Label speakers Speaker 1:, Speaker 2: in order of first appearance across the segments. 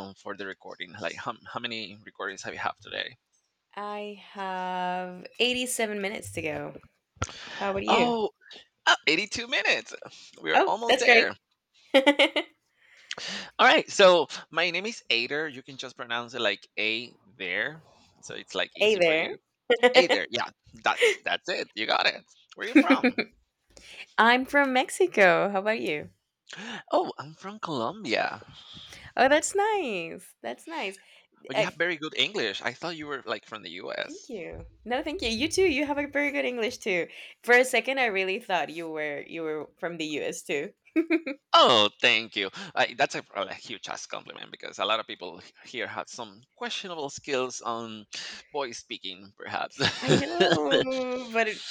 Speaker 1: For the recording? Like, how many recordings have you have today?
Speaker 2: I have 87 minutes to go. How about you?
Speaker 1: Oh, ah, 82 minutes. We're
Speaker 2: Oh,
Speaker 1: almost
Speaker 2: that's great.
Speaker 1: there.
Speaker 2: Hey
Speaker 1: All right. So my name is Ader. You can just pronounce it like A there. So it's like easy for
Speaker 2: there.
Speaker 1: you. A yeah, that's it. You got it. Where are you from?
Speaker 2: I'm from Mexico. How about you?
Speaker 1: Oh, I'm from Colombia.
Speaker 2: Oh, that's nice. That's nice.
Speaker 1: But you
Speaker 2: Uh,
Speaker 1: have very good English. I thought you were like from the
Speaker 2: Thank
Speaker 1: US.
Speaker 2: you. No, thank you. You too. You have a very good English too. For a second, I really thought you were from the U.S. too.
Speaker 1: Oh, thank you. I, that's a huge ass compliment because a lot of people here have some questionable skills on voice speaking, perhaps.
Speaker 2: I know, but it-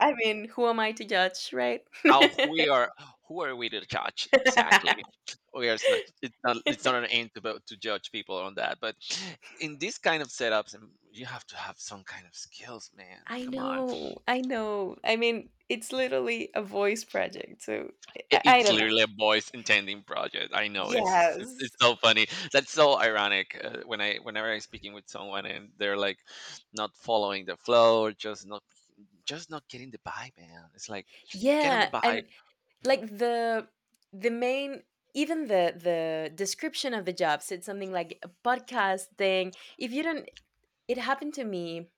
Speaker 2: I mean, who am I to judge, right?
Speaker 1: How we are, who are we to judge exactly? We are, it's not an aim to, to judge people on that. But in these kind of setups, you have to have some kind of skills, man.
Speaker 2: I
Speaker 1: Come on.
Speaker 2: know, I know. I mean, it's literally a voice project, so
Speaker 1: It
Speaker 2: I,
Speaker 1: it
Speaker 2: I don't know.
Speaker 1: clearly a boys intending project. I know it's just, it's
Speaker 2: Yes.
Speaker 1: so funny. That's so ironic when I whenever I'm speaking with someone and they're like not following the flow, or just not getting the vibe, man. It's like get on the
Speaker 2: Yeah,
Speaker 1: vibe.
Speaker 2: and like the main, even the description of the job said something like a podcast thing. If you don't, it happened to me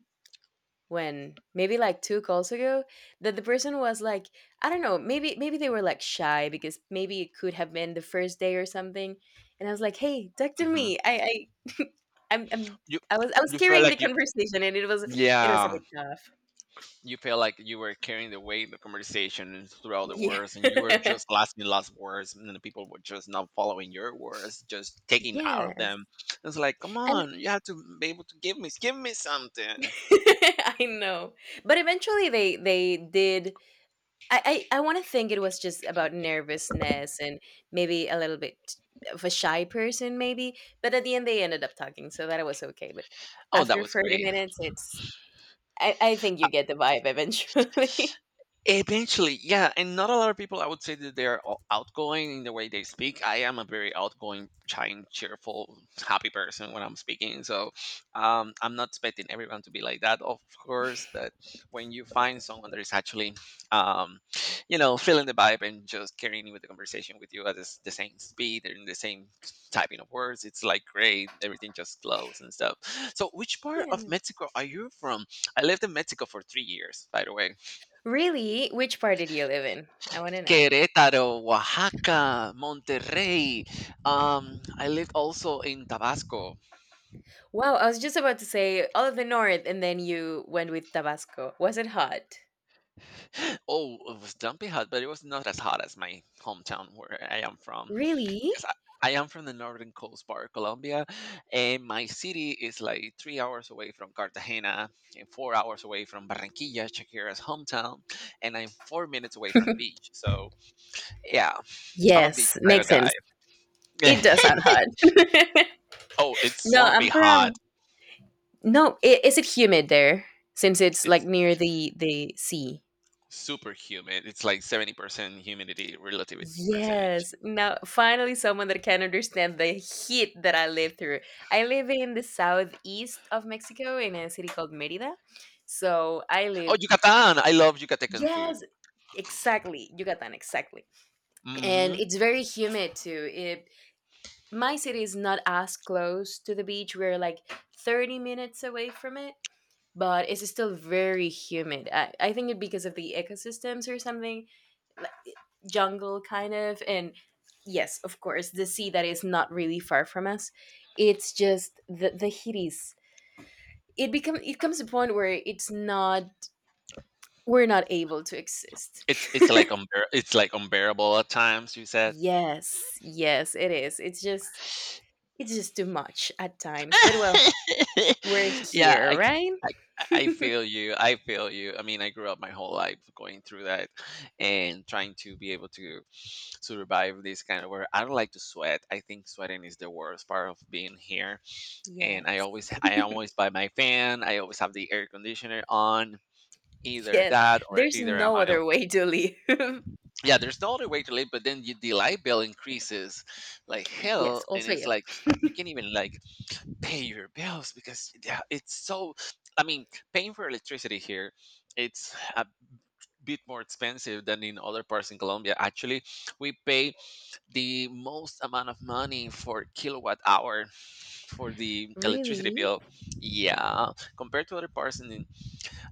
Speaker 2: when maybe like two calls ago that the person was like, I don't know, maybe they were like shy because maybe it could have been the first day or something. And I was like, hey, talk to
Speaker 1: Hmm.
Speaker 2: me. I i'm, I'm
Speaker 1: You
Speaker 2: I was
Speaker 1: you feel
Speaker 2: carrying the
Speaker 1: like you,
Speaker 2: conversation, and it was a
Speaker 1: yeah,
Speaker 2: bit tough.
Speaker 1: you feel like you were carrying the weight of the conversation throughout the
Speaker 2: Yeah.
Speaker 1: words and you were just last in last words and then the people were just not following your words just taking out of
Speaker 2: Yes.
Speaker 1: them. It's like come
Speaker 2: And
Speaker 1: on, you have to be able to give me something.
Speaker 2: I know, but eventually they did. I want to think it was just about nervousness and maybe a little bit of a shy person, maybe. But at the end, they ended up talking, so that was okay. But
Speaker 1: Oh, that
Speaker 2: after
Speaker 1: was
Speaker 2: thirty
Speaker 1: great.
Speaker 2: minutes, it's I think you get the vibe eventually.
Speaker 1: Eventually, yeah, and not a lot of people I would say that they're outgoing in the way they speak. I am a very outgoing, chatting, cheerful, happy person when I'm speaking. So, I'm not expecting everyone to be like that, of course. But when you find someone that is actually, um, you know, feeling the vibe and just carrying with the conversation with you at the same speed and the same typing of words, it's like great. Everything just flows and stuff. So, which part
Speaker 2: Yeah.
Speaker 1: of
Speaker 2: No.
Speaker 1: Mexico are you from? I lived in Mexico for 3 years, by the way.
Speaker 2: Really, which part did you live in? I want to know.
Speaker 1: Querétaro, Oaxaca, Monterrey. I lived also in Tabasco.
Speaker 2: Wow, I was just about to say all of the north, and then you went with Tabasco. Was it hot?
Speaker 1: Oh, it was dumpy hot, but it was not as hot as my hometown where I am from.
Speaker 2: Really?
Speaker 1: Because I am from the northern coast part of Colombia, and my city is like 3 hours away from Cartagena, and 4 hours away from Barranquilla, Shakira's hometown, and I'm 4 minutes away from the beach. So, yeah, I'm a beach
Speaker 2: Yes,
Speaker 1: kind of
Speaker 2: makes
Speaker 1: guy.
Speaker 2: sense. It does sound hot.
Speaker 1: Oh, it's
Speaker 2: No,
Speaker 1: swampy
Speaker 2: I'm from
Speaker 1: hot.
Speaker 2: No, I- is it humid there since it's like
Speaker 1: It's
Speaker 2: near the sea?
Speaker 1: super humid. It's like 70% humidity relative percentage.
Speaker 2: Yes. Now, finally, someone that can understand the heat that I live through. I live in the southeast of Mexico in a city called Mérida. So I
Speaker 1: Oh,
Speaker 2: live,
Speaker 1: Yucatan. I love Yucatecan food.
Speaker 2: yes, exactly, Yucatan, exactly. And
Speaker 1: Hmm.
Speaker 2: it's very humid too. My city is not as close to the beach. We're like 30 minutes away from it, but it's still very humid. I think it because of the ecosystems or something, like jungle kind of. And yes, of course, the sea that is not really far from us. It's just the heat is it comes a point where it's not we're not able to exist.
Speaker 1: It's like it's like unbearable at times, you said.
Speaker 2: Yes, yes, it is. It's just too much at times. But well, we're
Speaker 1: Yeah,
Speaker 2: here, right?
Speaker 1: I I feel you. I feel you. I mean, I grew up my whole life going through that and trying to be able to survive this kind of work. I don't like to sweat. I think sweating is the worst part of being here. And
Speaker 2: Yes.
Speaker 1: I always buy my fan. I always have the air conditioner on, either
Speaker 2: Yes.
Speaker 1: that or
Speaker 2: There's
Speaker 1: either a
Speaker 2: no
Speaker 1: mile.
Speaker 2: other way to live.
Speaker 1: Yeah, there's no other way to live, but then your light bill increases like
Speaker 2: Yes,
Speaker 1: hell, and
Speaker 2: also
Speaker 1: it's
Speaker 2: him.
Speaker 1: like you can't even like pay your bills because yeah, it's so. I mean, paying for electricity here, it's a bit more expensive than in other parts in Colombia. Actually, we pay the most amount of money for kilowatt hour for the electricity
Speaker 2: Really?
Speaker 1: bill. Yeah, compared to other parts in,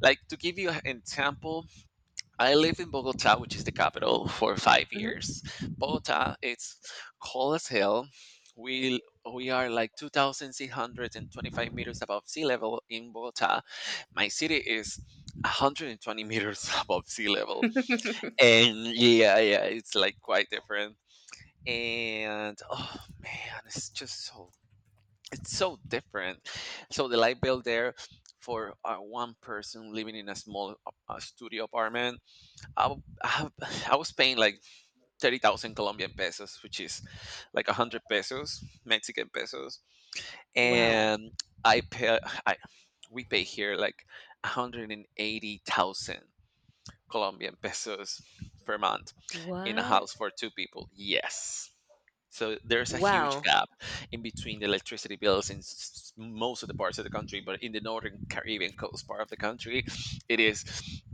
Speaker 1: like to give you an example, I lived in Bogota, which is the capital, for five
Speaker 2: Mhm.
Speaker 1: years. Bogota, it's cold as hell. We we are like 2,625 meters above sea level in Bogota. My city is 120 meters above sea level, and yeah, yeah, it's like quite different. And oh man, it's so different. So the light bill there for one person living in a studio apartment, I I was paying like 30,000 Colombian pesos, which is like 100 pesos, Mexican pesos.
Speaker 2: Wow.
Speaker 1: And I pay, I, we pay here like 180,000 Colombian pesos per month in a
Speaker 2: What?
Speaker 1: house for 2 people. Yes. So there's a huge
Speaker 2: Wow.
Speaker 1: gap in between the electricity bills in most of the parts of the country, but in the northern Caribbean coast part of the country, it is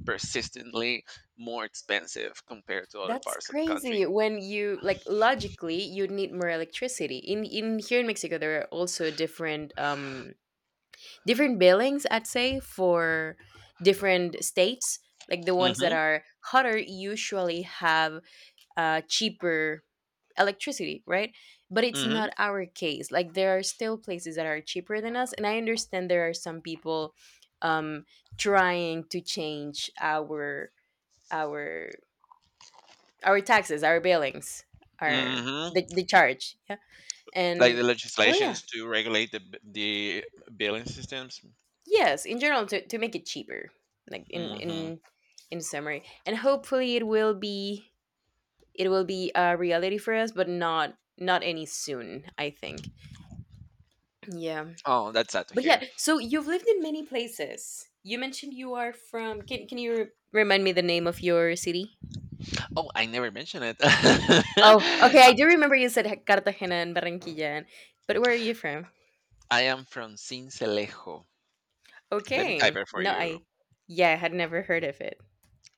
Speaker 1: persistently more expensive compared to other
Speaker 2: That's
Speaker 1: parts of the country.
Speaker 2: crazy. When you, like, logically, you need more electricity. In here in Mexico, there are also different billings. I'd say for different states, like the ones that
Speaker 1: Hmm.
Speaker 2: are hotter usually have cheaper electricity, right? But it's
Speaker 1: Hmm.
Speaker 2: not our case. Like, there are still places that are cheaper than us, and I understand there are some people, um, trying to change our our our taxes, our billings, our
Speaker 1: Hmm.
Speaker 2: the charge, yeah.
Speaker 1: Like
Speaker 2: And
Speaker 1: the
Speaker 2: well, yeah,
Speaker 1: legislations to regulate the the billing systems.
Speaker 2: yes, in general, to make it cheaper, like in
Speaker 1: Hmm.
Speaker 2: in in summary, and hopefully it will be a reality for us, but not any soon, I think. Yeah.
Speaker 1: Oh, that's sad to
Speaker 2: But
Speaker 1: hear.
Speaker 2: yeah, so you've lived in many places. You mentioned you are from. Can you remind me the name of your city?
Speaker 1: Oh, I never mentioned it.
Speaker 2: Oh, okay. I do remember you said Cartagena and Barranquilla, but where are you from?
Speaker 1: I am from Sincelejo. Let me type
Speaker 2: Okay.
Speaker 1: it for
Speaker 2: No,
Speaker 1: you.
Speaker 2: I. Yeah, I had never heard of it.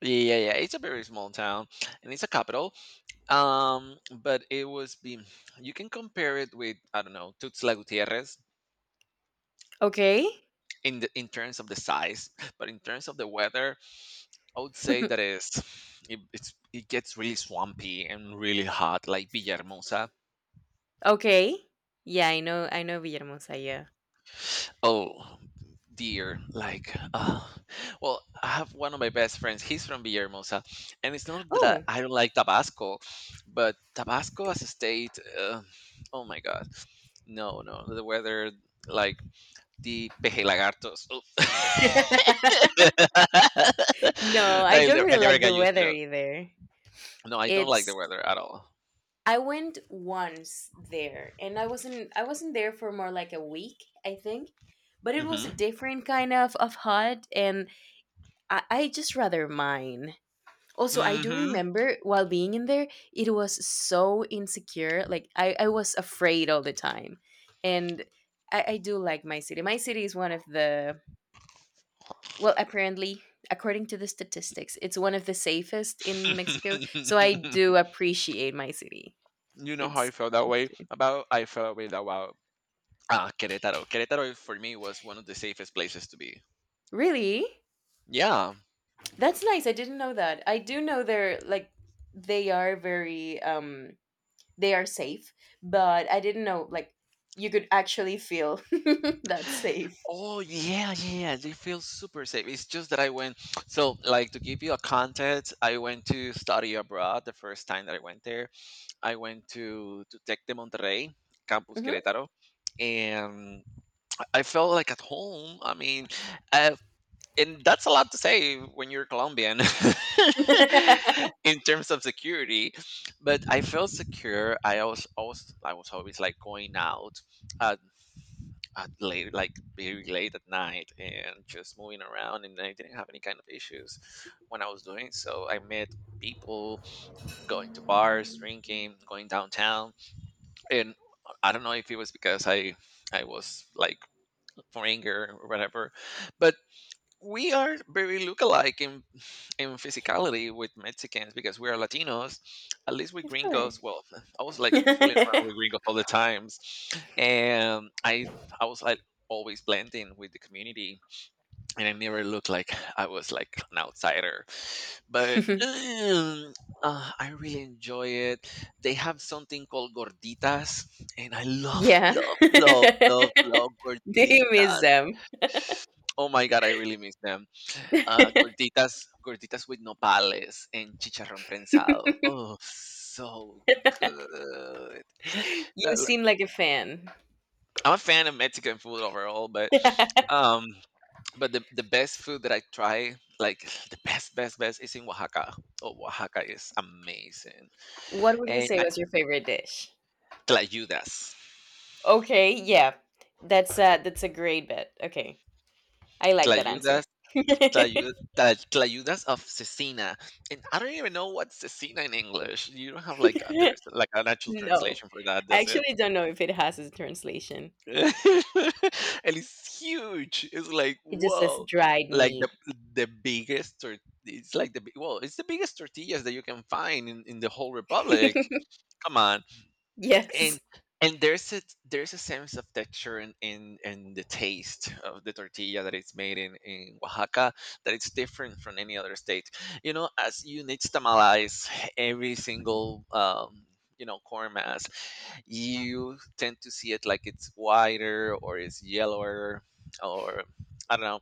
Speaker 1: Yeah, yeah, it's a very small town, and it's a capital. But it was be you can compare it with, I don't know, Tuxtla Gutierrez
Speaker 2: Okay.
Speaker 1: in the in terms of the size, but in terms of the weather, I would say that is it's it gets really swampy and really hot, like Villahermosa.
Speaker 2: Okay. Yeah, I know. I know Villahermosa. Yeah.
Speaker 1: Oh dear, like well, I have one of my best friends. He's from Villahermosa, and it's not that
Speaker 2: Oh.
Speaker 1: I don't like Tabasco, but Tabasco as a state, oh my god. No, no, the weather, like the pejelagartos. Oof.
Speaker 2: No, I don't
Speaker 1: I
Speaker 2: really
Speaker 1: never
Speaker 2: like
Speaker 1: got
Speaker 2: the
Speaker 1: used
Speaker 2: weather
Speaker 1: to it.
Speaker 2: either.
Speaker 1: No, I don't like the
Speaker 2: It's
Speaker 1: weather at all.
Speaker 2: I went once there, and I wasn't there for more like a week, I think. But it was a
Speaker 1: Mm-hmm.
Speaker 2: different kind of hut, and I just rather mine. Also, I do remember while being in there it was so insecure. Like, I was afraid all the time. And I do like my city. My city is one of the, well, apparently, according to the statistics, it's one of the safest in Mexico. So I
Speaker 1: Mm-hmm.
Speaker 2: do appreciate my city.
Speaker 1: You know how I
Speaker 2: It's
Speaker 1: felt that way
Speaker 2: good.
Speaker 1: about. I felt that way about ah Querétaro. Querétaro for me was one of the safest places to be.
Speaker 2: Really?
Speaker 1: Yeah.
Speaker 2: That's nice. I didn't know that. I do know they're like, they are very, they are safe, but I didn't know like you could actually feel that safe.
Speaker 1: Oh yeah, yeah, yeah, they feel super safe. It's just that I went so like to give you a context, I went to study abroad the first time that I went there. I went to Tec de Monterrey, Campus
Speaker 2: Hmm.
Speaker 1: Querétaro, and I felt like at home. I mean, uh, and that's a lot to say when you're Colombian in terms of security. But I felt secure. I was always like going out at, at late, like very late at night, and just moving around, and I didn't have any kind of issues when I was doing. So I met people going to bars, drinking, going downtown, and I don't know if it was because I was like for anger or whatever, but we are very look-alike in physicality with mexicans because we are latinos, at least with
Speaker 2: Of course.
Speaker 1: gringos. Well, I was like fooling around with gringos all the times, and I was like always blending with the community, and I never looked like I was like an outsider. But mm, I really enjoy it. They have something called gorditas, and I love,
Speaker 2: Yeah.
Speaker 1: love, love, love, love
Speaker 2: Do you miss
Speaker 1: gorditas.
Speaker 2: them?
Speaker 1: Oh my god, I really miss them. Gorditas, gorditas with nopales and chicharrón prensado. Oh, so good. La-
Speaker 2: You
Speaker 1: la-
Speaker 2: seem like a fan.
Speaker 1: I'm a fan of Mexican food overall, um but the best food that I try, like the best, best, best, is in Oaxaca. Oh, Oaxaca is amazing.
Speaker 2: What would you
Speaker 1: And
Speaker 2: say
Speaker 1: I,
Speaker 2: was your favorite dish?
Speaker 1: tlayudas,
Speaker 2: Okay, yeah. That's a great bet. Okay. I like that answer.
Speaker 1: tlayudas, tlayudas of cecina. And I don't even know what cecina in English. You don't have like there's like an actual
Speaker 2: No.
Speaker 1: translation for that,
Speaker 2: I
Speaker 1: does it?
Speaker 2: actually don't know if it has a translation.
Speaker 1: And it's huge. It's like
Speaker 2: It just says
Speaker 1: whoa,
Speaker 2: dried
Speaker 1: like
Speaker 2: meat.
Speaker 1: the biggest. Tor- it's like the big- Well, it's the biggest tortillas that you can find in the whole republic. Come on, and
Speaker 2: Yes.
Speaker 1: there's a sense of texture and and the taste of the tortilla that it's made in Oaxaca that it's different from any other state. You know, as you nixtamalize every single. You know, corn mass, you tend to see it like it's whiter or it's yellower or I don't know.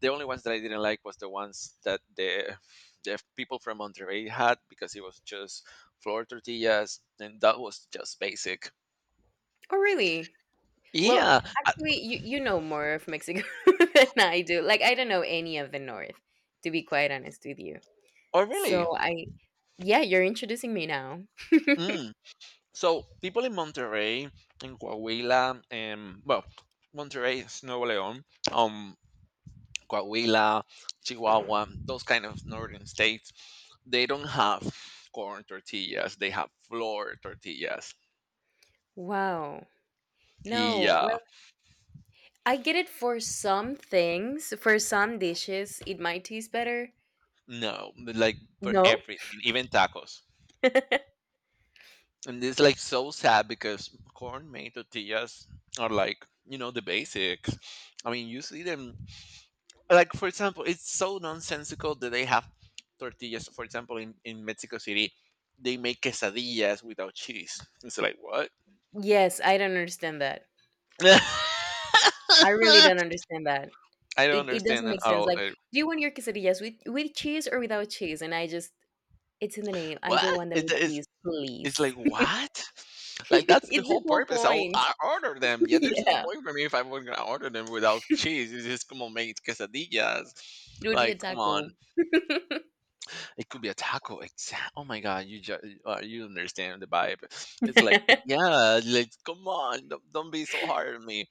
Speaker 1: The only ones that I didn't like was the ones that the people from Monterrey had because it was just flour tortillas, and that was just basic.
Speaker 2: Oh, really? Well,
Speaker 1: Yeah. I-
Speaker 2: actually, you know more of Mexico than I do. Like, I don't know any of the North, to be quite honest with you.
Speaker 1: Oh, really?
Speaker 2: So, yeah, you're introducing me now.
Speaker 1: Mm. So people in Monterrey, in Coahuila, and well, Monterrey is Nuevo León. Um, Coahuila, Chihuahua, those kind of northern states, they don't have corn tortillas. They have flour tortillas.
Speaker 2: Wow. No,
Speaker 1: Yeah,
Speaker 2: well, I get it for some things. For some dishes, it might taste better.
Speaker 1: no, but like for
Speaker 2: No?
Speaker 1: everything, even tacos. And it's like so sad because corn made tortillas are like, you know, the basics. I mean, you see them, like, for example, it's so nonsensical that they have tortillas. For example, in Mexico City, they make quesadillas without cheese. It's like, what?
Speaker 2: Yes, I don't understand that. I really
Speaker 1: I
Speaker 2: don't understand that.
Speaker 1: don't
Speaker 2: It
Speaker 1: understand
Speaker 2: doesn't
Speaker 1: that
Speaker 2: make
Speaker 1: at
Speaker 2: sense.
Speaker 1: all.
Speaker 2: Like, do you want your quesadillas with cheese or without cheese? And I just, it's in the name. I don't
Speaker 1: What?
Speaker 2: want them with
Speaker 1: It's
Speaker 2: cheese, please.
Speaker 1: it's like what? Like that's the
Speaker 2: It's the
Speaker 1: whole
Speaker 2: whole
Speaker 1: purpose.
Speaker 2: point.
Speaker 1: I order them. Yeah, there's no
Speaker 2: Yeah,
Speaker 1: point for me if I was gonna order them without cheese. It's just como made quesadillas.
Speaker 2: it would be
Speaker 1: Like
Speaker 2: a
Speaker 1: come
Speaker 2: taco.
Speaker 1: on, it could be a taco. Exact. Oh my god, you just you understand the vibe. It's like yeah, like come on, don't be so hard on me.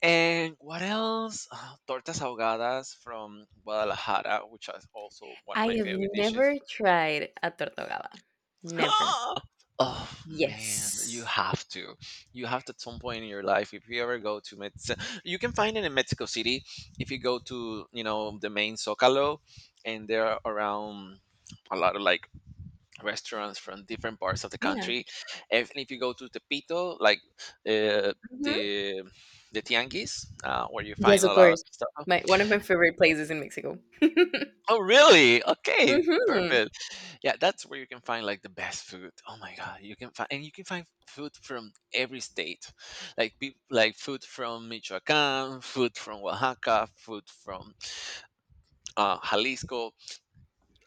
Speaker 1: And what else? Ah, tortas ahogadas from Guadalajara, which is also one of
Speaker 2: I
Speaker 1: my
Speaker 2: have
Speaker 1: favorite
Speaker 2: never
Speaker 1: dishes.
Speaker 2: tried a tortogaba. Never.
Speaker 1: Oh man, you
Speaker 2: Yes.
Speaker 1: have to. You have to at some point in your life. If you ever go to Mexico, you can find it in Mexico City. If you go to, the main Zocalo, and there are around a lot of like restaurants from different parts of the
Speaker 2: Yeah.
Speaker 1: country. If you go to Tepito, like uh,
Speaker 2: Hmm.
Speaker 1: the the tianguis, where you
Speaker 2: Yes,
Speaker 1: find
Speaker 2: of
Speaker 1: a lot of
Speaker 2: course.
Speaker 1: stuff.
Speaker 2: My One of my favorite places in Mexico. Hmm.
Speaker 1: Oh, really? Okay, perfect. Yeah, that's where you can find like the best food. Oh my God, you can find, and you can find food from every state, like like food from Michoacán, food from Oaxaca, food from Jalisco.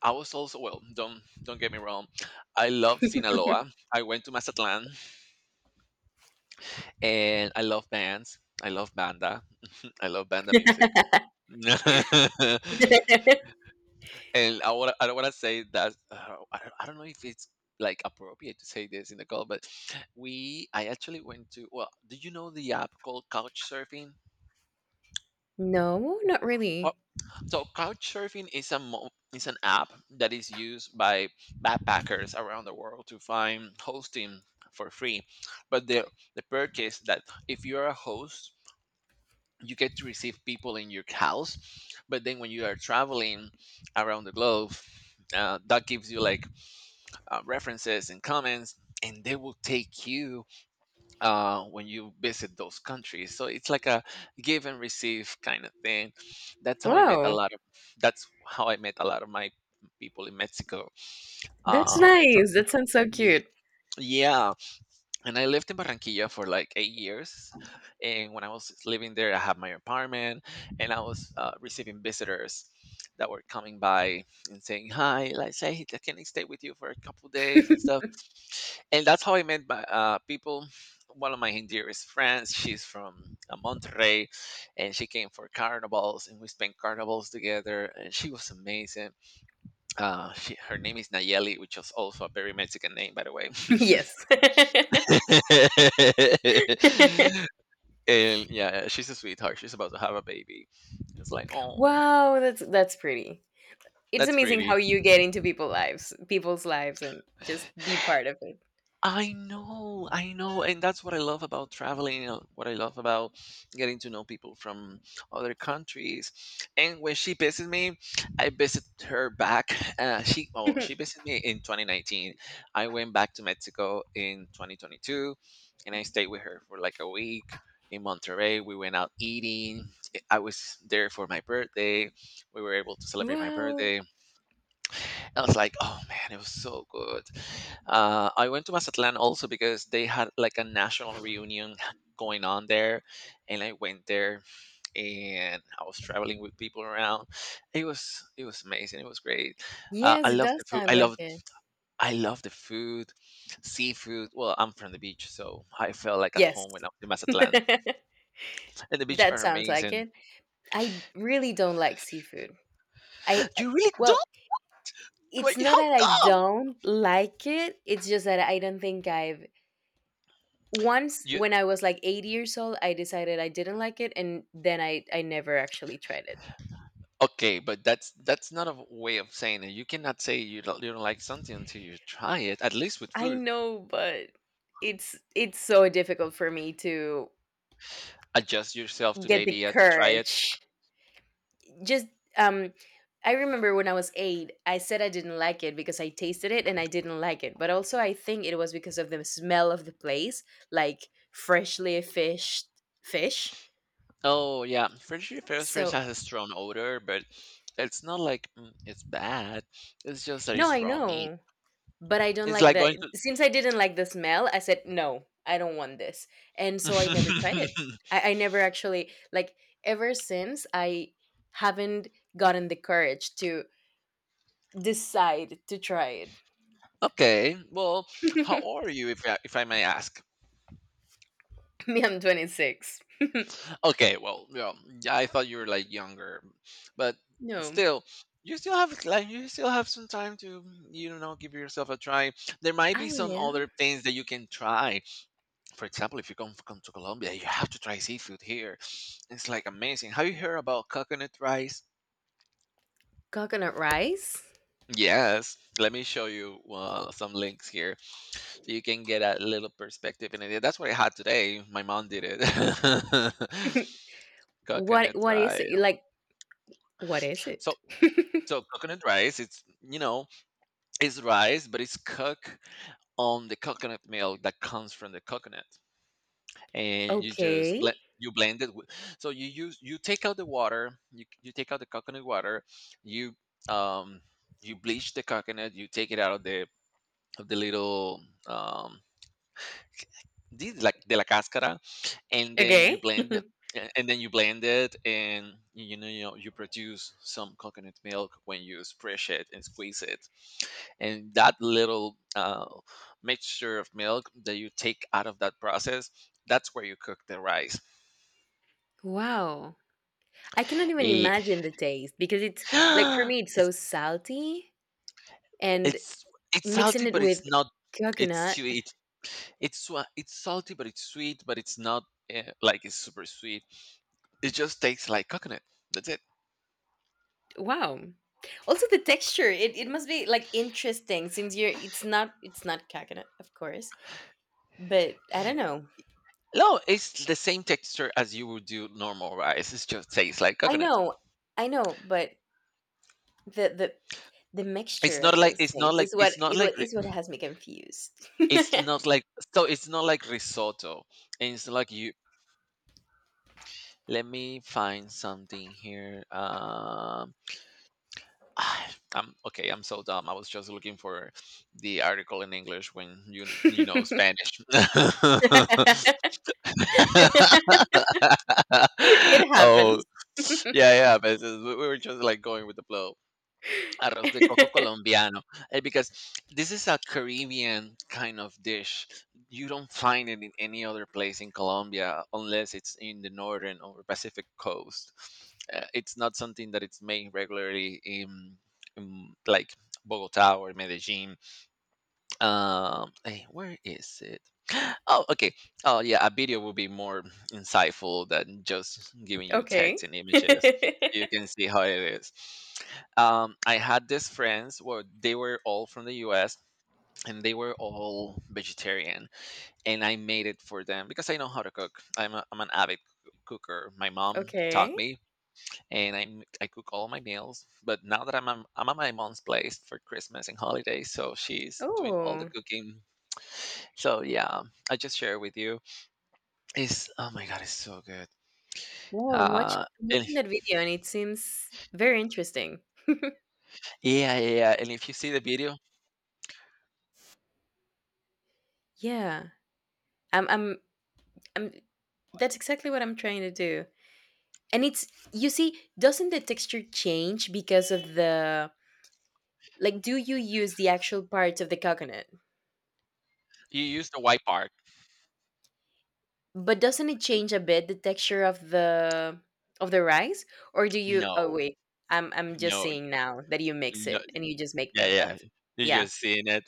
Speaker 1: I was also, well, don't get me wrong, I love Sinaloa. I went to Mazatlán, and I love bands. I love banda. I love banda music. And I don't want to say that I don't, I don't know if it's like appropriate to say this in the call, but we I actually went to, well, do you know the app called Couchsurfing?
Speaker 2: No, not
Speaker 1: Oh,
Speaker 2: really.
Speaker 1: so Couchsurfing is is an app that is used by backpackers around the world to find hosting for free, but the perk is that if you're a host, you get to receive people in your house, but then when you are traveling around the globe, that gives you like references and comments, and they will take you when you visit those countries. So it's like a give and receive kind of thing. That's how I met a
Speaker 2: Wow,
Speaker 1: lot of that's how I met a lot of my people in Mexico.
Speaker 2: that's
Speaker 1: um, tr-
Speaker 2: nice. That sounds so
Speaker 1: Ye-
Speaker 2: cute.
Speaker 1: Yeah, and I lived in Barranquilla for like 8 years. And when I was living there, I had my apartment and I was receiving visitors that were coming by and saying, "Hi, like, say, can I stay with you for a couple days?" and stuff. And that's how I met my, people. One of my dearest friends, she's from Monterrey, and she came for carnivals, and we spent carnivals together, and she was amazing. She, her name is Nayeli, which is also a very Mexican name, by the way.
Speaker 2: Yes.
Speaker 1: And yeah, she's a sweetheart. She's about to have a baby. It's like, oh,
Speaker 2: Wow, that's pretty. It's
Speaker 1: that's
Speaker 2: amazing how
Speaker 1: pretty.
Speaker 2: you get into people's lives, and just be part of it.
Speaker 1: I know, and that's what I love about traveling, what I love about getting to know people from other countries. And when she visited me, I visited her back. She oh, she visited me in 2019. I went back to Mexico in 2022, and I stayed with her for like a week in Monterrey. We went out eating. I was there for my birthday. We were able to celebrate my
Speaker 2: Wow.
Speaker 1: birthday. I was like, oh man, it was so good. I went to Mazatlan also because they had like a national reunion going on there, and I went there and I was traveling with people around. It was amazing. It was great.
Speaker 2: Yes,
Speaker 1: I
Speaker 2: it
Speaker 1: love
Speaker 2: does
Speaker 1: the food.
Speaker 2: sound like it.
Speaker 1: I love the food, seafood. Well, I'm from the beach, so I felt like at
Speaker 2: Yes.
Speaker 1: home when I was in Mazatlan,
Speaker 2: That
Speaker 1: and the beach are
Speaker 2: sounds like
Speaker 1: amazing.
Speaker 2: it. I really don't like seafood. I
Speaker 1: You really
Speaker 2: well,
Speaker 1: don't? Wait,
Speaker 2: it's not
Speaker 1: how
Speaker 2: that I
Speaker 1: come?
Speaker 2: don't like it. It's just that I don't think I've, once
Speaker 1: You
Speaker 2: when I was like 8 years old, I decided I didn't like it, and then I never actually tried it.
Speaker 1: Okay, but that's not a way of saying it. You cannot say you don't, you don't like something until you try it. At least with
Speaker 2: I
Speaker 1: food,
Speaker 2: know, but it's so difficult for me to
Speaker 1: adjust yourself to the
Speaker 2: get the
Speaker 1: idea to try it.
Speaker 2: courage. Just, um I remember when I was 8, I said I didn't like it because I tasted it and I didn't like it. But also I think it was because of the smell of the place, like freshly fished fish.
Speaker 1: Oh yeah, French fries
Speaker 2: So,
Speaker 1: has a strong odor, but it's not like it's bad. It's just that
Speaker 2: no,
Speaker 1: it's
Speaker 2: I
Speaker 1: raw meat.
Speaker 2: know. But I don't
Speaker 1: It's
Speaker 2: like
Speaker 1: like going
Speaker 2: the,
Speaker 1: to.
Speaker 2: since I didn't like the smell, I said, "No, I don't want this." And so I never tried it. I never actually, like, ever since, I haven't gotten the courage to decide to try it.
Speaker 1: Okay, well, how are you, if I may ask?
Speaker 2: Me, I'm 26.
Speaker 1: Okay, well, yeah, yeah, I thought you were like younger, but
Speaker 2: No,
Speaker 1: still, you still have like you still have some time to, you know, give yourself a try. There might be
Speaker 2: I
Speaker 1: some
Speaker 2: will.
Speaker 1: other things that you can try. For example, if you come to Colombia, you have to try seafood here. It's like amazing. Have you heard about coconut rice?
Speaker 2: Coconut rice?
Speaker 1: Yes, let me show you some links here so you can get a little perspective in it. That's what I had today. My mom did it.
Speaker 2: What
Speaker 1: Coconut
Speaker 2: what is it?
Speaker 1: rice.
Speaker 2: Like, what is
Speaker 1: So
Speaker 2: it?
Speaker 1: So coconut rice, it's, you know, it's rice, but it's cooked on the coconut milk that comes from the coconut, and you just
Speaker 2: Okay.
Speaker 1: blend. You blend it. With, so you use, you take out the water. You take out the coconut water. You um you bleach the coconut. You take it out of the little these like de la cáscara, and then you
Speaker 2: Okay.
Speaker 1: blend it. And then you blend it, and you know, you produce some coconut milk when you spread it and squeeze it. And that little mixture of milk that you take out of that process, that's where you cook the rice.
Speaker 2: Wow. I cannot even
Speaker 1: Eh,
Speaker 2: imagine the taste because it's like, for me, it's
Speaker 1: it's
Speaker 2: so salty and
Speaker 1: it's it's salty,
Speaker 2: mixing it
Speaker 1: but it's
Speaker 2: with
Speaker 1: not, it's
Speaker 2: coconut.
Speaker 1: sweet. It's salty, but it's sweet, but it's not like it's super sweet. It just tastes like coconut. That's it.
Speaker 2: Wow. Also the texture, it must be like interesting since you're it's not coconut, of course. But I don't know.
Speaker 1: No, it's the same texture as you would do normal rice. It's just tastes like
Speaker 2: I
Speaker 1: coconut.
Speaker 2: know, I know, but the the the mixture of those things is
Speaker 1: It's not like
Speaker 2: what has me confused.
Speaker 1: it's not like, so it's not like risotto. And it's like, you let me find something here. I'm, okay, I'm so dumb. I was just looking for the article in English when you know, Spanish.
Speaker 2: It
Speaker 1: Oh,
Speaker 2: happens.
Speaker 1: yeah, yeah, but we were just like going with the flow. Arroz de coco colombiano, eh, because this is a Caribbean kind of dish. You don't find it in any other place in Colombia unless it's in the northern or Pacific coast. It's not something that it's made regularly in like Bogota or Medellin. Hey, where is it? Oh, okay. Oh yeah, a video will be more insightful than just giving you text
Speaker 2: Okay.
Speaker 1: and images. You can see how it is. I had these friends, well, they were all from the US, and they were all vegetarian, and I made it for them because I know how to cook. I'm an avid cooker. My mom taught
Speaker 2: Okay.
Speaker 1: me, and I cook all my meals. But now that I'm at my mom's place for Christmas and holidays, so she's doing all the
Speaker 2: Oh.
Speaker 1: cooking. So yeah, I just share with you. It's, oh my god, it's so good.
Speaker 2: Wow, I'm watching
Speaker 1: Uh,
Speaker 2: I'm
Speaker 1: and
Speaker 2: watching
Speaker 1: if-
Speaker 2: that video, and it seems very interesting.
Speaker 1: yeah, yeah, yeah. And if you see the video,
Speaker 2: Yeah. I'm I'm I'm that's exactly what I'm trying to do. And it's you see, doesn't the texture change because of the like, do you use the actual parts of the coconut?
Speaker 1: you use the white part.
Speaker 2: But doesn't it change a bit the texture of the rice? Or do you
Speaker 1: No,
Speaker 2: Oh wait, I'm just
Speaker 1: no,
Speaker 2: seeing now that you mix
Speaker 1: no.
Speaker 2: it and you just make
Speaker 1: Yeah,
Speaker 2: milk out
Speaker 1: yeah.
Speaker 2: of it.
Speaker 1: You
Speaker 2: Yeah.
Speaker 1: just seen it.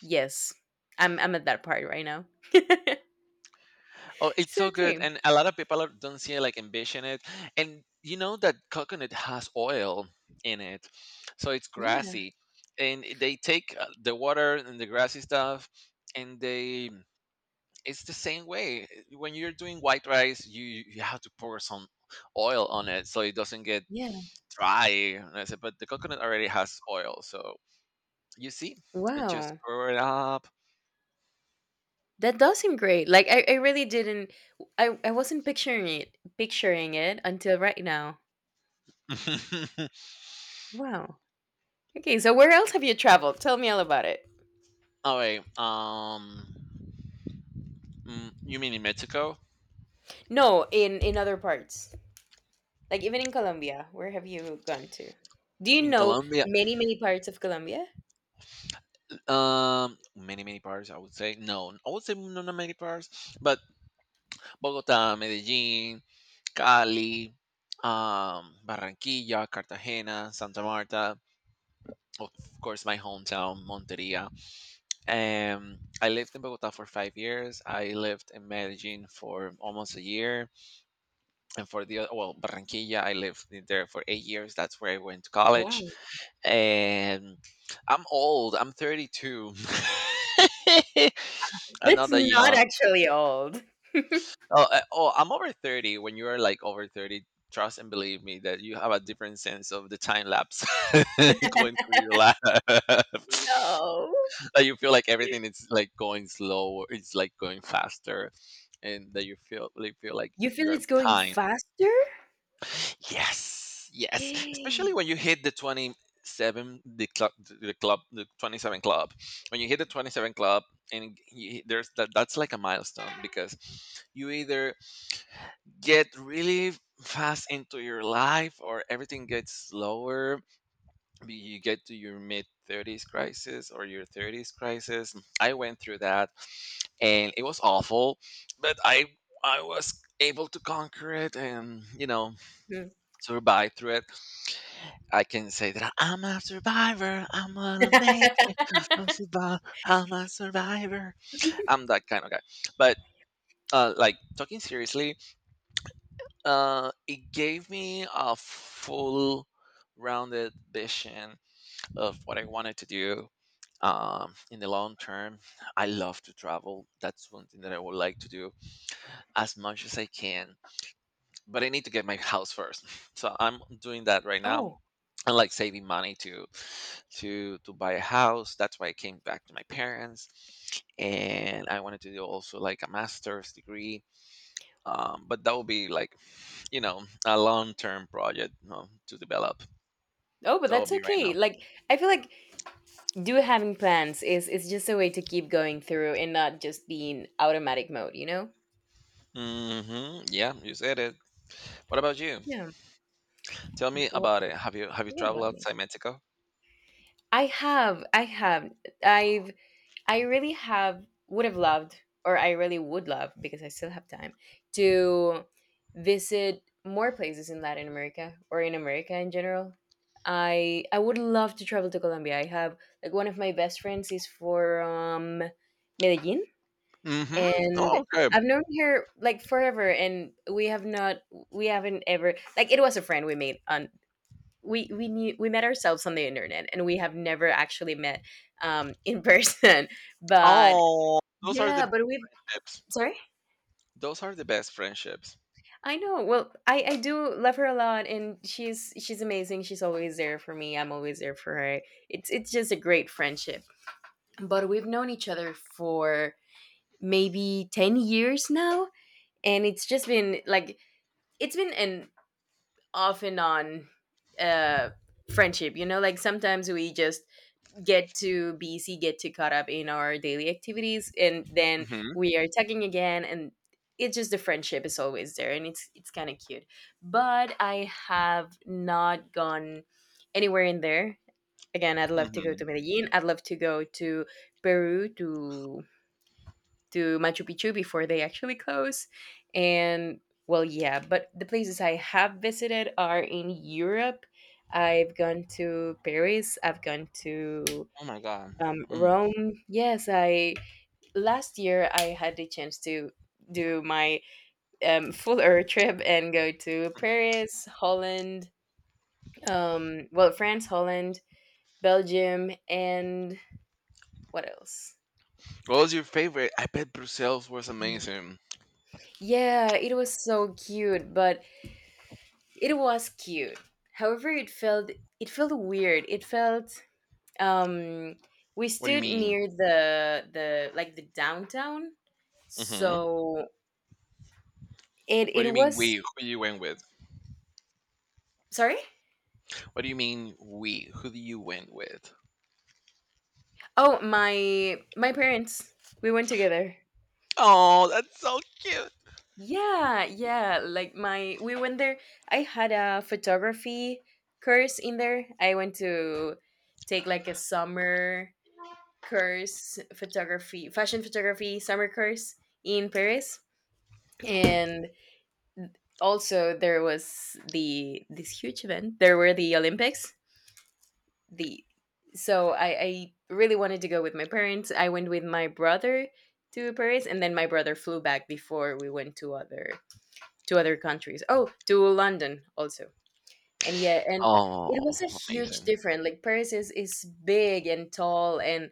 Speaker 2: Yes. I'm at that part right now.
Speaker 1: Oh, it's
Speaker 2: So
Speaker 1: so good,
Speaker 2: okay.
Speaker 1: and a lot of people don't see like ambition in it, and you know that coconut has oil in it, so it's
Speaker 2: Yeah.
Speaker 1: grassy, and they take the water and the grassy stuff, and they, it's the same way. When you're doing white rice, you have to pour some oil on it so it doesn't get
Speaker 2: Yeah.
Speaker 1: dry. And I said, but the coconut already has oil, so you see, it just
Speaker 2: Wow.
Speaker 1: pour it up.
Speaker 2: That does seem great. Like, I really didn't, I wasn't picturing it until right now. Wow. Okay, so where else have you traveled? Tell me all about it.
Speaker 1: All right, you mean in Mexico?
Speaker 2: No, in other parts. Like, even in Colombia, where have you gone to? Do
Speaker 1: I
Speaker 2: you
Speaker 1: mean,
Speaker 2: know
Speaker 1: Colombia,
Speaker 2: many, many parts of Colombia?
Speaker 1: many, many parts, I would say. No, I would say no, not many parts, but Bogota, Medellin, Cali, Barranquilla, Cartagena, Santa Marta, of course, my hometown, Monteria. I lived in Bogota for 5 years. I lived in Medellin for almost a year. And for the other, well, Barranquilla, I lived in there for 8 years. That's where I went to college,
Speaker 2: Wow.
Speaker 1: and I'm old. I'm 32. I'm not
Speaker 2: That's
Speaker 1: that
Speaker 2: not
Speaker 1: young.
Speaker 2: actually old.
Speaker 1: Oh, I'm over 30. When you are like over 30, trust and believe me that you have a different sense of the time lapse going through your life.
Speaker 2: No.
Speaker 1: That you feel like everything is like going slow, it's like going faster, and that you feel, you feel like
Speaker 2: You feel
Speaker 1: you are
Speaker 2: it's going
Speaker 1: behind.
Speaker 2: faster?
Speaker 1: Yes, yes. Especially
Speaker 2: Mm.
Speaker 1: when you hit the 27, the club, the 27 club. When you hit the 27 club, and you, there's that, that's like a milestone because you either get really fast into your life or everything gets slower. You get to your mid 30s crisis or your 30s crisis. I went through that, and it was awful, but I was able to conquer it, and you know, survive through it. I can say that I'm a survivor. I'm gonna make a survive. I'm a survivor. I'm that kind of guy. But like talking seriously, it gave me a full rounded vision of what I wanted to do, in the long term. I love to travel. That's one thing that I would like to do as much as I can. But I need to get my house first. So I'm doing that right now.
Speaker 2: Oh.
Speaker 1: And like saving money to to buy a house. That's why I came back to my parents, and I wanted to do also like a master's degree, but that would be like, a long term project, to develop.
Speaker 2: Oh, but
Speaker 1: That would
Speaker 2: that's
Speaker 1: be right
Speaker 2: okay.
Speaker 1: now.
Speaker 2: Like, I feel like do having plans is just a way to keep going through and not just be in automatic mode.
Speaker 1: Hmm, yeah, you said it. What about you?
Speaker 2: Yeah.
Speaker 1: Tell me
Speaker 2: What,
Speaker 1: about it. Have you have you
Speaker 2: what
Speaker 1: traveled
Speaker 2: about me?
Speaker 1: outside Mexico?
Speaker 2: I have I've I really have would have loved, or I really would love because I still have time to visit more places in Latin America or in America in general. I would love to travel to Colombia. I have Like, one of my best friends is from Medellin,
Speaker 1: Hmm.
Speaker 2: and
Speaker 1: Oh, okay.
Speaker 2: I've known her like forever, and we haven't ever, like, it was a friend we met ourselves on the internet, and we have never actually met, in person. But
Speaker 1: Oh, those are the
Speaker 2: yeah, but
Speaker 1: best
Speaker 2: we've
Speaker 1: friendships.
Speaker 2: sorry,
Speaker 1: Those are the best friendships.
Speaker 2: I know. Well, I do love her a lot, and she's amazing. She's always there for me. I'm always there for her. It's just a great friendship. But we've known each other for maybe 10 years now, and it's just been like it's been an off and on uh friendship, like sometimes we just get too busy, get too caught up in our daily activities, and then
Speaker 1: Hmm.
Speaker 2: we are talking again, and it's just the friendship is always there, and it's kind of cute. But I have not gone anywhere in there. Again, I'd love to go
Speaker 1: Hmm.
Speaker 2: to Medellin, I'd love to go to Peru, to Machu Picchu before they actually close. And well, yeah, but the places I have visited are in Europe. I've gone to Paris, I've gone to
Speaker 1: Oh my god.
Speaker 2: Rome. Yes, I last year I had the chance to do my full Earth trip and go to Paris, Holland, well, France, Holland, Belgium, and what else?
Speaker 1: What was your favorite? I bet Brussels was
Speaker 2: Mm.
Speaker 1: amazing.
Speaker 2: Yeah, it was so cute, but it was cute. However, it felt weird. It felt um we
Speaker 1: What do you
Speaker 2: stood
Speaker 1: mean?
Speaker 2: near the like the downtown.
Speaker 1: Hmm.
Speaker 2: So it
Speaker 1: What do you
Speaker 2: it
Speaker 1: mean
Speaker 2: was
Speaker 1: we? Who you went with?
Speaker 2: sorry?
Speaker 1: What do you mean we? Who do you went with?
Speaker 2: Oh, my parents. We went together.
Speaker 1: Oh, that's so cute.
Speaker 2: Yeah, yeah. Like my, we went there. I had a photography course in there. I went to take like a summer course, photography, fashion photography summer course in Paris. And also there was the this huge event, there were the Olympics, the so I really wanted to go with my parents. I went with my brother to Paris, and then my brother flew back before we went to other countries. Oh, to London also. And yeah, and it
Speaker 1: Oh,
Speaker 2: was a huge
Speaker 1: amazing.
Speaker 2: difference. Like Paris is big and tall and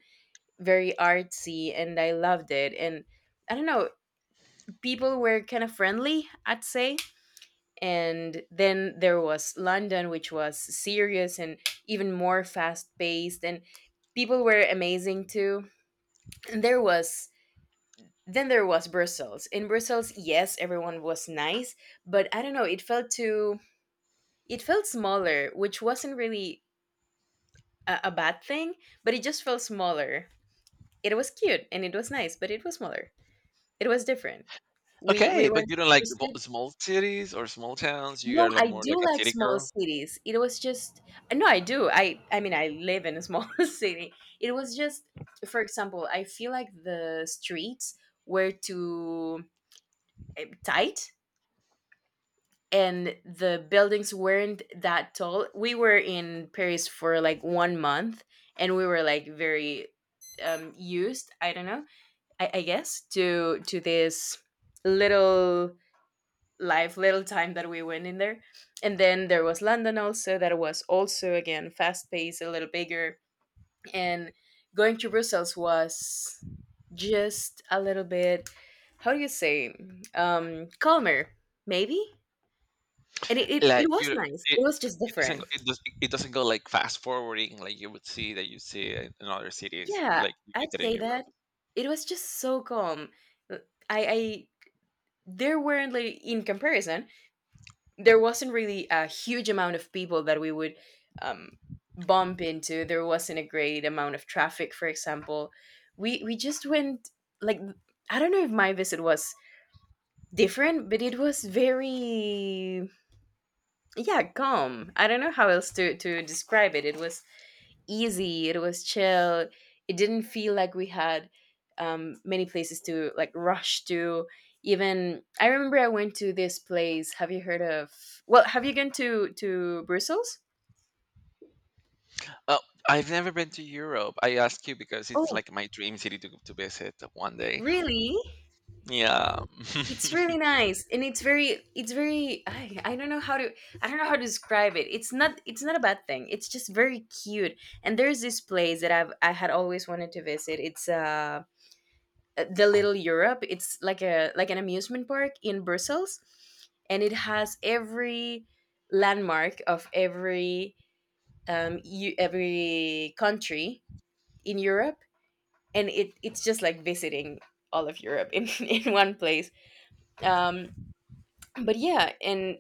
Speaker 2: very artsy, and I loved it. And I don't know, people were kind of friendly, I'd say. And then there was London, which was serious and even more fast paced, and people were amazing too. And there was then there was Brussels. In Brussels, yes, everyone was nice, but I don't know, it felt too it felt smaller, which wasn't really a bad thing, but it just felt smaller. It was cute and it was nice, but it was smaller. It was different. We
Speaker 1: Okay, but
Speaker 2: went
Speaker 1: you don't like
Speaker 2: we
Speaker 1: the
Speaker 2: stood
Speaker 1: small cities or small towns. You
Speaker 2: no,
Speaker 1: are like
Speaker 2: I
Speaker 1: more like
Speaker 2: do
Speaker 1: a
Speaker 2: like
Speaker 1: city
Speaker 2: small
Speaker 1: girl.
Speaker 2: cities. It was just no, I do. I mean, I live in a small city. It was just, for example, I feel like the streets were too tight, and the buildings weren't that tall. We were in Paris for like 1 month, and we were like very used, I don't know, I guess, to this little live little time that we went in there. And then there was London also, that was also again fast paced, a little bigger. And going to Brussels was just a little bit, how do you say, calmer maybe. And it, it,
Speaker 1: Like
Speaker 2: it was
Speaker 1: you,
Speaker 2: nice,
Speaker 1: it,
Speaker 2: it was just
Speaker 1: it doesn't
Speaker 2: different.
Speaker 1: it does it doesn't go like fast forwarding like you would see that you see in other cities
Speaker 2: Yeah,
Speaker 1: like you
Speaker 2: I'd
Speaker 1: get it in
Speaker 2: say
Speaker 1: Europe.
Speaker 2: that it was just so calm. I there weren't like in comparison, there wasn't really a huge amount of people that we would um, bump into. There wasn't a great amount of traffic, for example. We just went like, I don't know if my visit was different, but it was very yeah calm. I don't know how else to describe it. It was easy. It was chill. It didn't feel like we had many places to like rush to. Even I remember I went to this place. Have you heard of? Well, have you gone to Brussels?
Speaker 1: Oh, I've never been to Europe. I ask you because it's
Speaker 2: Oh,
Speaker 1: like my dream city to visit one day.
Speaker 2: really?
Speaker 1: Yeah,
Speaker 2: It's really nice, and it's very, it's very. I don't know how to, I don't know how to describe it. It's not a bad thing. It's just very cute. And there's this place that I've, I had always wanted to visit. It's the Little Europe. It's like a like an amusement park in Brussels, and it has every landmark of every every country in Europe, and it it's just like visiting all of Europe in in one place. Um, but yeah, and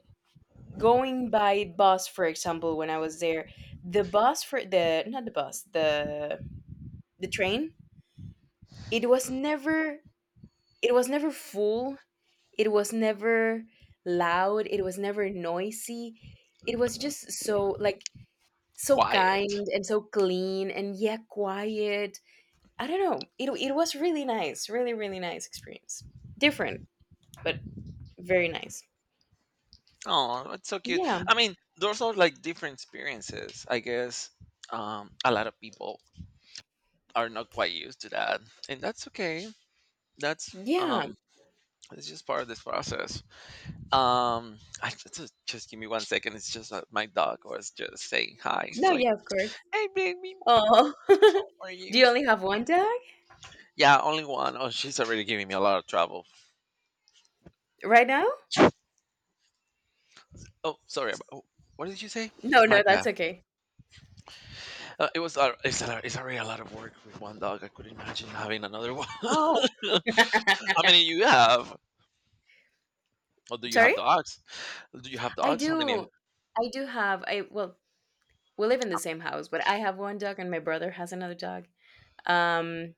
Speaker 2: going by bus, for example, when I was there, the bus for the not the bus, the train, it was never it was never full, it was never loud, it was never noisy. It was just so like so
Speaker 1: quiet.
Speaker 2: kind and so clean, and yeah, quiet. I don't know. It was really nice, really really nice experience. Different, but very nice.
Speaker 1: Oh, that's so cute.
Speaker 2: Yeah.
Speaker 1: I mean, those are like different experiences. I guess a lot of people are not quite used to that, and that's okay. That's
Speaker 2: Yeah.
Speaker 1: it's just part of this process. I just give me one second. It's just that my dog was just saying hi. It's
Speaker 2: No,
Speaker 1: like,
Speaker 2: yeah, of course.
Speaker 1: hey, baby,
Speaker 2: Oh.
Speaker 1: how are
Speaker 2: Do
Speaker 1: you?
Speaker 2: you only have one dog
Speaker 1: Yeah, only one. Oh, she's already giving me a lot of trouble.
Speaker 2: right now?
Speaker 1: Oh, sorry. Oh, what did you say?
Speaker 2: No,
Speaker 1: My
Speaker 2: no,
Speaker 1: bad.
Speaker 2: that's okay.
Speaker 1: It was. It's, a, it's already a lot of work with one dog. I could imagine having another one.
Speaker 2: Oh.
Speaker 1: How many you have? Or do you have
Speaker 2: Sorry?
Speaker 1: dogs? Do you have
Speaker 2: I
Speaker 1: dogs? How many?
Speaker 2: do. I do have I well, we live in the same house, but I have one dog and my brother has another dog. Um,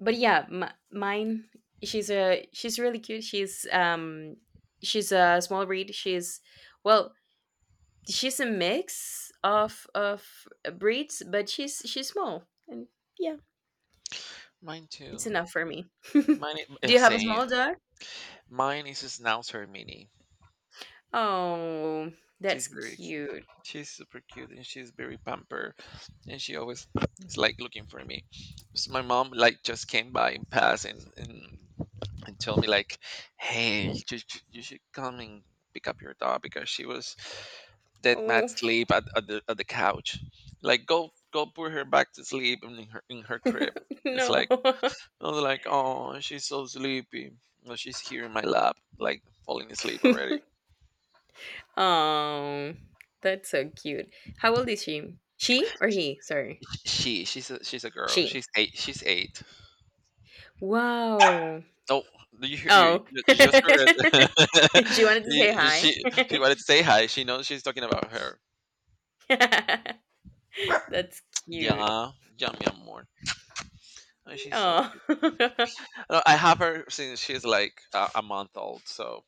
Speaker 2: but yeah, mine. She's really cute. She's a small breed. She's well, she's a mix of breeds, but she's small, and yeah,
Speaker 1: Mine
Speaker 2: it's
Speaker 1: too.
Speaker 2: enough for me.
Speaker 1: Mine.
Speaker 2: Do you have a
Speaker 1: Same.
Speaker 2: small dog?
Speaker 1: Mine is a schnauzer mini.
Speaker 2: Oh,
Speaker 1: She's
Speaker 2: that's
Speaker 1: very cute.
Speaker 2: cute.
Speaker 1: She's super cute, and she's very pampered, and she always is like looking for me. So my mom like just came by and passed and and told me like, hey, you, you should come and pick up your dog because she was dead mad
Speaker 2: Oh
Speaker 1: sleep at the couch. Like go go put her back to sleep in her crib. It's
Speaker 2: no.
Speaker 1: like I was like, oh, she's so sleepy. No, she's here in my lap, like falling asleep already.
Speaker 2: Oh, that's so cute. How old is she? She or he? Sorry.
Speaker 1: She's a, she's a girl.
Speaker 2: She.
Speaker 1: She's eight. She's eight.
Speaker 2: Wow.
Speaker 1: Oh, you you,
Speaker 2: Oh.
Speaker 1: you just heard
Speaker 2: she
Speaker 1: it.
Speaker 2: wanted to say
Speaker 1: You-
Speaker 2: hi.
Speaker 1: she she wanted to say hi. She knows she's talking about her.
Speaker 2: That's cute.
Speaker 1: Yeah, yeah, mi amor. Oh, she's so
Speaker 2: Oh.
Speaker 1: cute. No, I have her since she's like a month old. So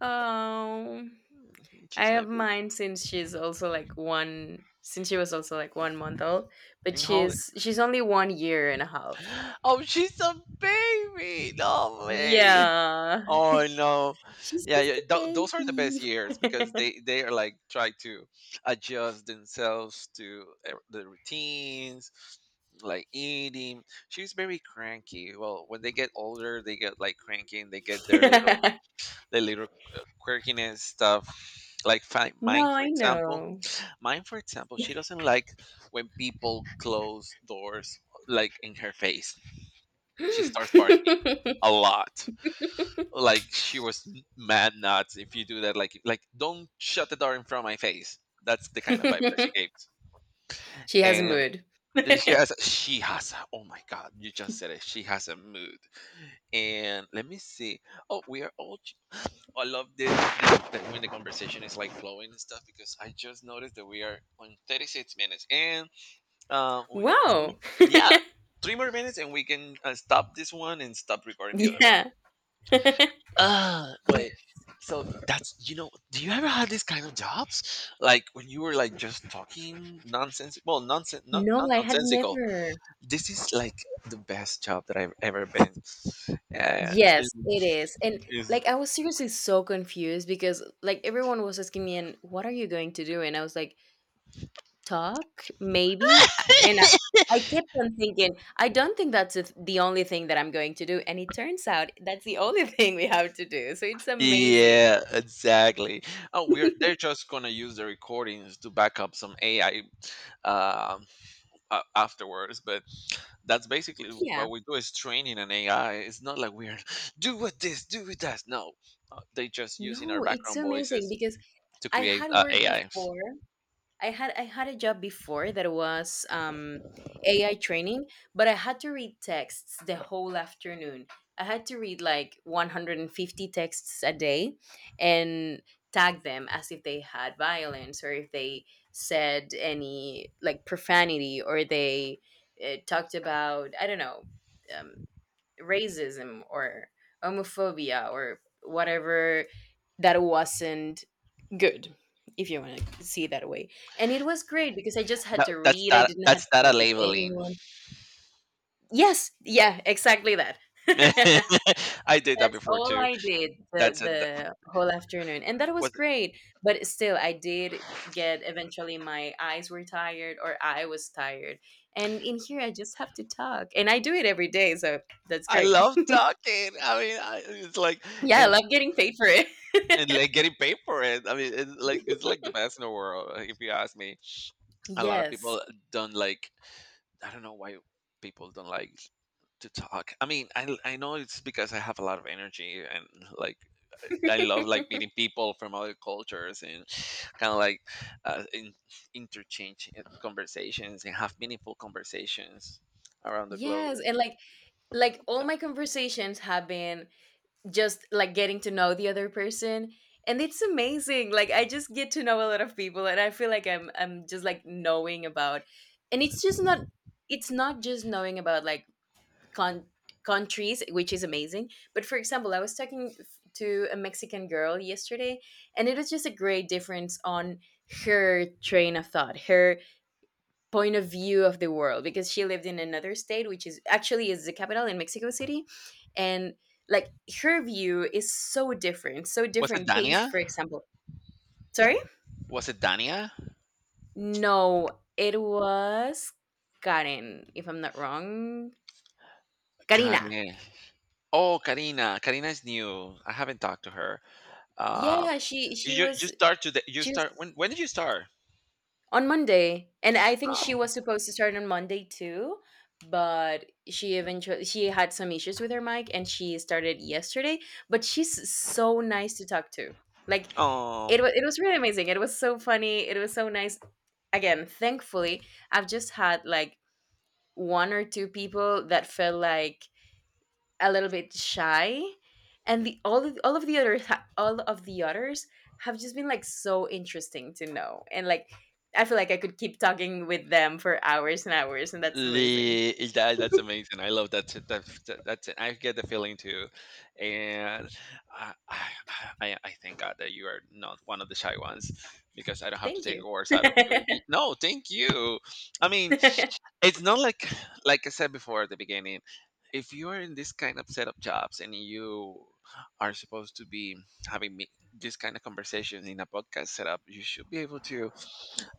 Speaker 2: oh.
Speaker 1: mm,
Speaker 2: I
Speaker 1: she's my
Speaker 2: have
Speaker 1: baby.
Speaker 2: mine since she's also like one since she was also like 1 month old, but
Speaker 1: And hold it.
Speaker 2: she's only 1 year and a half.
Speaker 1: Oh, she's a baby. No way.
Speaker 2: Yeah.
Speaker 1: Oh no,
Speaker 2: she's
Speaker 1: yeah,
Speaker 2: just
Speaker 1: yeah.
Speaker 2: a
Speaker 1: Those are the best years because they are like try to adjust themselves to the routines, like eating. She's very cranky. Well, when they get older, they get like cranky and they get
Speaker 2: baby.
Speaker 1: their little uh, quirkiness stuff. Like
Speaker 2: No, I know.
Speaker 1: mine, for example, she doesn't like when people close doors like in her face. She starts barking a lot like she was mad nuts if you do that like don't shut the door in front of my face. That's the kind of vibe that she gave.
Speaker 2: She has a
Speaker 1: And
Speaker 2: mood.
Speaker 1: she has a, oh my god you just said it, she has a mood. And let me see. Oh, we are all I love this that when the conversation is like flowing and stuff, because I just noticed that we are on 36 minutes and wait, three more,
Speaker 2: Wow.
Speaker 1: yeah, three more minutes and we can stop this one and stop recording the other one.
Speaker 2: Yeah. Yeah.
Speaker 1: Wait. So that's, you know, do you ever have these kind of jobs like when you were like just talking nonsense? Well, nonsense not
Speaker 2: No,
Speaker 1: not
Speaker 2: I had
Speaker 1: nonsensical.
Speaker 2: never.
Speaker 1: This is like the best job that I've ever been. Yeah.
Speaker 2: Yes, it is. And
Speaker 1: Is.
Speaker 2: like I was seriously so confused because like everyone was asking me, and what are you going to do? And I was like, talk, maybe. And I kept on thinking, I don't think that's the only thing that I'm going to do. And it turns out that's the only thing we have to do. So it's amazing.
Speaker 1: Yeah, exactly. Oh, we're they're just gonna use the recordings to back up some AI um a- afterwards. But that's basically
Speaker 2: Yeah.
Speaker 1: what we do, is training an AI. It's not like we're do with this do with that. No, they just using our
Speaker 2: No, it's
Speaker 1: background
Speaker 2: so amazing
Speaker 1: voices
Speaker 2: because
Speaker 1: to
Speaker 2: I
Speaker 1: create
Speaker 2: had worked
Speaker 1: AI.
Speaker 2: before. I had a job before that was AI training, but I had to read texts the whole afternoon. I had to read like 150 texts a day and tag them as if they had violence, or if they said any like profanity, or they talked about I don't know, um, racism or homophobia or whatever that wasn't good, if you want to see it that way. And it was great because I just had
Speaker 1: That,
Speaker 2: to
Speaker 1: that's
Speaker 2: read, I
Speaker 1: that
Speaker 2: didn't have
Speaker 1: that's
Speaker 2: to
Speaker 1: data
Speaker 2: talk with
Speaker 1: labeling.
Speaker 2: anyone. Yes, yeah, exactly that. That's
Speaker 1: I did that before
Speaker 2: all
Speaker 1: too.
Speaker 2: I did the
Speaker 1: That's it. That
Speaker 2: the whole afternoon, and that was
Speaker 1: was.
Speaker 2: great. But still I did get eventually my eyes were tired or I was tired, and in here I just have to talk, and I do it every day, so that's
Speaker 1: I
Speaker 2: great.
Speaker 1: love talking. I mean, I, it's like,
Speaker 2: Yeah, I
Speaker 1: and,
Speaker 2: love getting paid for it.
Speaker 1: and like getting paid for it. I mean, it's like the best in the world if you ask me. A lot of people
Speaker 2: Yes.
Speaker 1: don't like, I don't know why, people don't like to talk. I mean, I know it's because I have a lot of energy and like I love like meeting people from other cultures and kind of like uh, in, interchange conversations and have meaningful conversations around the globe.
Speaker 2: Yes, and like all
Speaker 1: Yeah.
Speaker 2: my conversations have been just like getting to know the other person, and it's amazing. Like I just get to know a lot of people, and I feel like I'm just like knowing about, and it's just not it's not just knowing about like con- countries, which is amazing, but for example, I was talking to a Mexican girl yesterday, and it was just a great difference on her train of thought, her point of view of the world, because she lived in another state, which is actually is the capital in Mexico City. And like her view is so different, so
Speaker 1: Was it
Speaker 2: different
Speaker 1: Dania?
Speaker 2: based, for example sorry
Speaker 1: Was it Dania?
Speaker 2: no it was Karen, if I'm not wrong. Karina.
Speaker 1: Kare. Oh, Karina. Karina is new. I haven't talked to her. Uh,
Speaker 2: Yeah, she
Speaker 1: you
Speaker 2: was
Speaker 1: start today. You
Speaker 2: she
Speaker 1: start
Speaker 2: was
Speaker 1: when? When did you start?
Speaker 2: on Monday, and I think she
Speaker 1: Oh.
Speaker 2: was supposed to start on Monday too, but she eventually she had some issues with her mic, and she started yesterday, but she's so nice to talk to. Like
Speaker 1: Oh.
Speaker 2: it was really amazing. It was so funny. It was so nice. Again, thankfully, I've just had like one or two people that felt like a little bit shy, and the all of the others all of the others have just been like so interesting to know, and like I feel like I could keep talking with them for hours and hours, and that's amazing.
Speaker 1: The yeah, that, that's amazing. I love that. That that's it. I get the feeling too, and I, I I thank God that you are not one of the shy ones because I don't have to
Speaker 2: Thank
Speaker 1: take
Speaker 2: you.
Speaker 1: words out of you. No, thank you. I mean, it's not like like I said before at the beginning. If you are in this kind of setup jobs and you are supposed to be having me, this kind of conversation in a podcast setup, you should be able to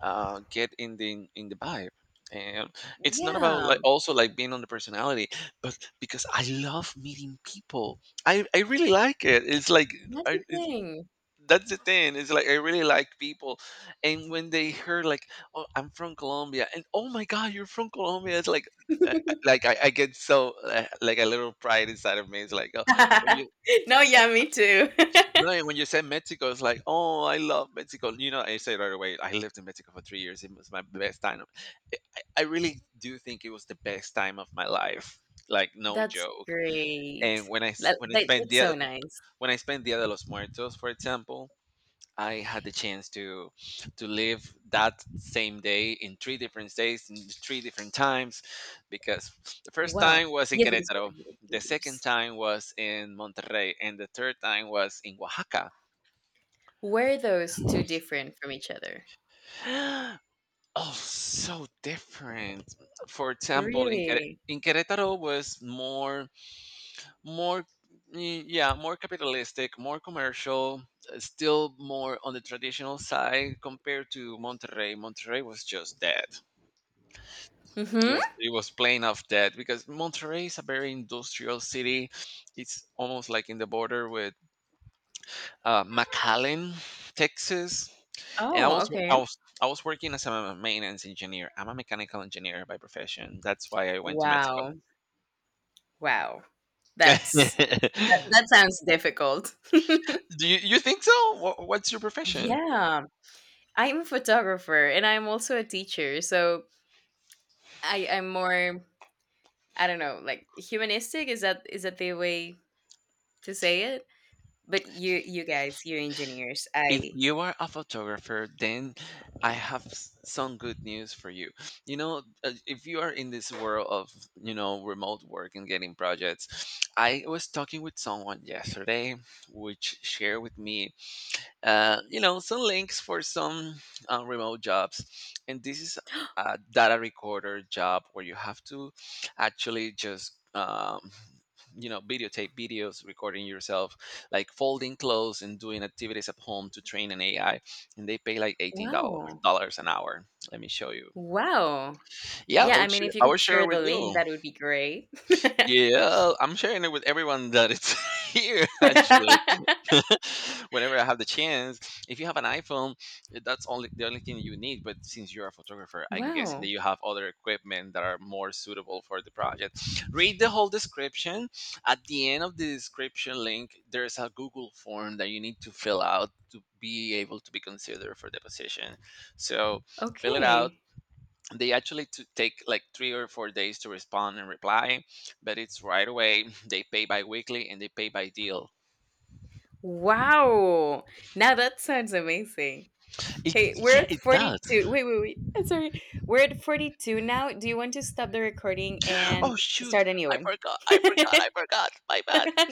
Speaker 1: get in the vibe. And it's not about
Speaker 2: Yeah,
Speaker 1: like also like being on the personality, but because I love meeting people, I really like it. It's like
Speaker 2: that's
Speaker 1: I.
Speaker 2: the
Speaker 1: It's,
Speaker 2: thing.
Speaker 1: that's the thing. It's like I really like people, and when they heard like, "Oh, I'm from Colombia," and "Oh my God, you're from Colombia," it's like, like I get so like a little pride inside of me. It's like oh, when you
Speaker 2: No, yeah, me too.
Speaker 1: no, when you say Mexico, it's like, oh, I love Mexico. You know, I say right away, I lived in Mexico for 3 years. It was my best time. I really do think it was the best time of my life, like no
Speaker 2: That's
Speaker 1: joke.
Speaker 2: great.
Speaker 1: And when when I spent
Speaker 2: That's so
Speaker 1: Dia
Speaker 2: nice.
Speaker 1: when I spent Dia de los Muertos, for example, I had the chance to live that same day in three different days in three different times, because the first
Speaker 2: Wow.
Speaker 1: time was in
Speaker 2: Yes, because we
Speaker 1: Querétaro,
Speaker 2: were here
Speaker 1: the
Speaker 2: for
Speaker 1: second
Speaker 2: years.
Speaker 1: time was in Monterrey, and the third time was in Oaxaca.
Speaker 2: Were those two different from each other?
Speaker 1: Oh, so different. For example, in
Speaker 2: Really?
Speaker 1: in Querétaro was more more yeah more capitalistic more commercial, still more on the traditional side compared to Monterrey. Monterrey was just dead. It was
Speaker 2: Hmm.
Speaker 1: it was plain of dead because Monterrey is a very industrial city. It's almost like in the border with McAllen, Texas. And I
Speaker 2: Oh,
Speaker 1: was,
Speaker 2: okay.
Speaker 1: I was working as a maintenance engineer. I'm a mechanical engineer by profession. That's why I went to Mexico.
Speaker 2: Wow. Wow. That's
Speaker 1: Do
Speaker 2: that sounds difficult.
Speaker 1: you, you think so? What's your profession?
Speaker 2: Yeah, I'm a photographer, and I'm also a teacher, so I I'm more I don't know, like humanistic, is that the way to say it? But you guys, you engineers,
Speaker 1: If
Speaker 2: I
Speaker 1: you are a photographer, then I have some good news for you. You know, if you are in this world of, you know, remote work and getting projects, I was talking with someone yesterday, which shared with me you know some links for some remote jobs, and this is a data recorder job where you have to actually just you know videotape videos recording yourself like folding clothes and doing activities at home to train an AI, and they pay like
Speaker 2: wow.
Speaker 1: $18 an hour. Let me show you.
Speaker 2: Wow.
Speaker 1: Yeah I
Speaker 2: Yeah, I
Speaker 1: would
Speaker 2: mean
Speaker 1: share,
Speaker 2: if you
Speaker 1: I
Speaker 2: could
Speaker 1: would share it
Speaker 2: share
Speaker 1: with
Speaker 2: the link,
Speaker 1: you.
Speaker 2: that would be great.
Speaker 1: Yeah, I'm sharing it with everyone that it's here actually. Whenever I have the chance, if you have an iPhone, that's only the only thing you need. But since you're a photographer, I'm guessing that
Speaker 2: Wow.
Speaker 1: you have other equipment that are more suitable for the project. Read the whole description. At the end of the description link, there's a Google form that you need to fill out to be able to be considered for the position. So fill it out.
Speaker 2: Okay.
Speaker 1: They actually to take like 3 or 4 days to respond and reply, but it's right away. They pay bi-weekly, and they pay by deal.
Speaker 2: Wow. Now that sounds amazing.
Speaker 1: It,
Speaker 2: Hey, we're
Speaker 1: yeah
Speaker 2: at
Speaker 1: it does.
Speaker 2: 42. Wait, wait, wait. I'm sorry. We're at 42 now. Do you want to stop the recording
Speaker 1: Oh
Speaker 2: and
Speaker 1: shoot,
Speaker 2: start a new
Speaker 1: i
Speaker 2: one?
Speaker 1: forgot i forgot I forgot. My bad.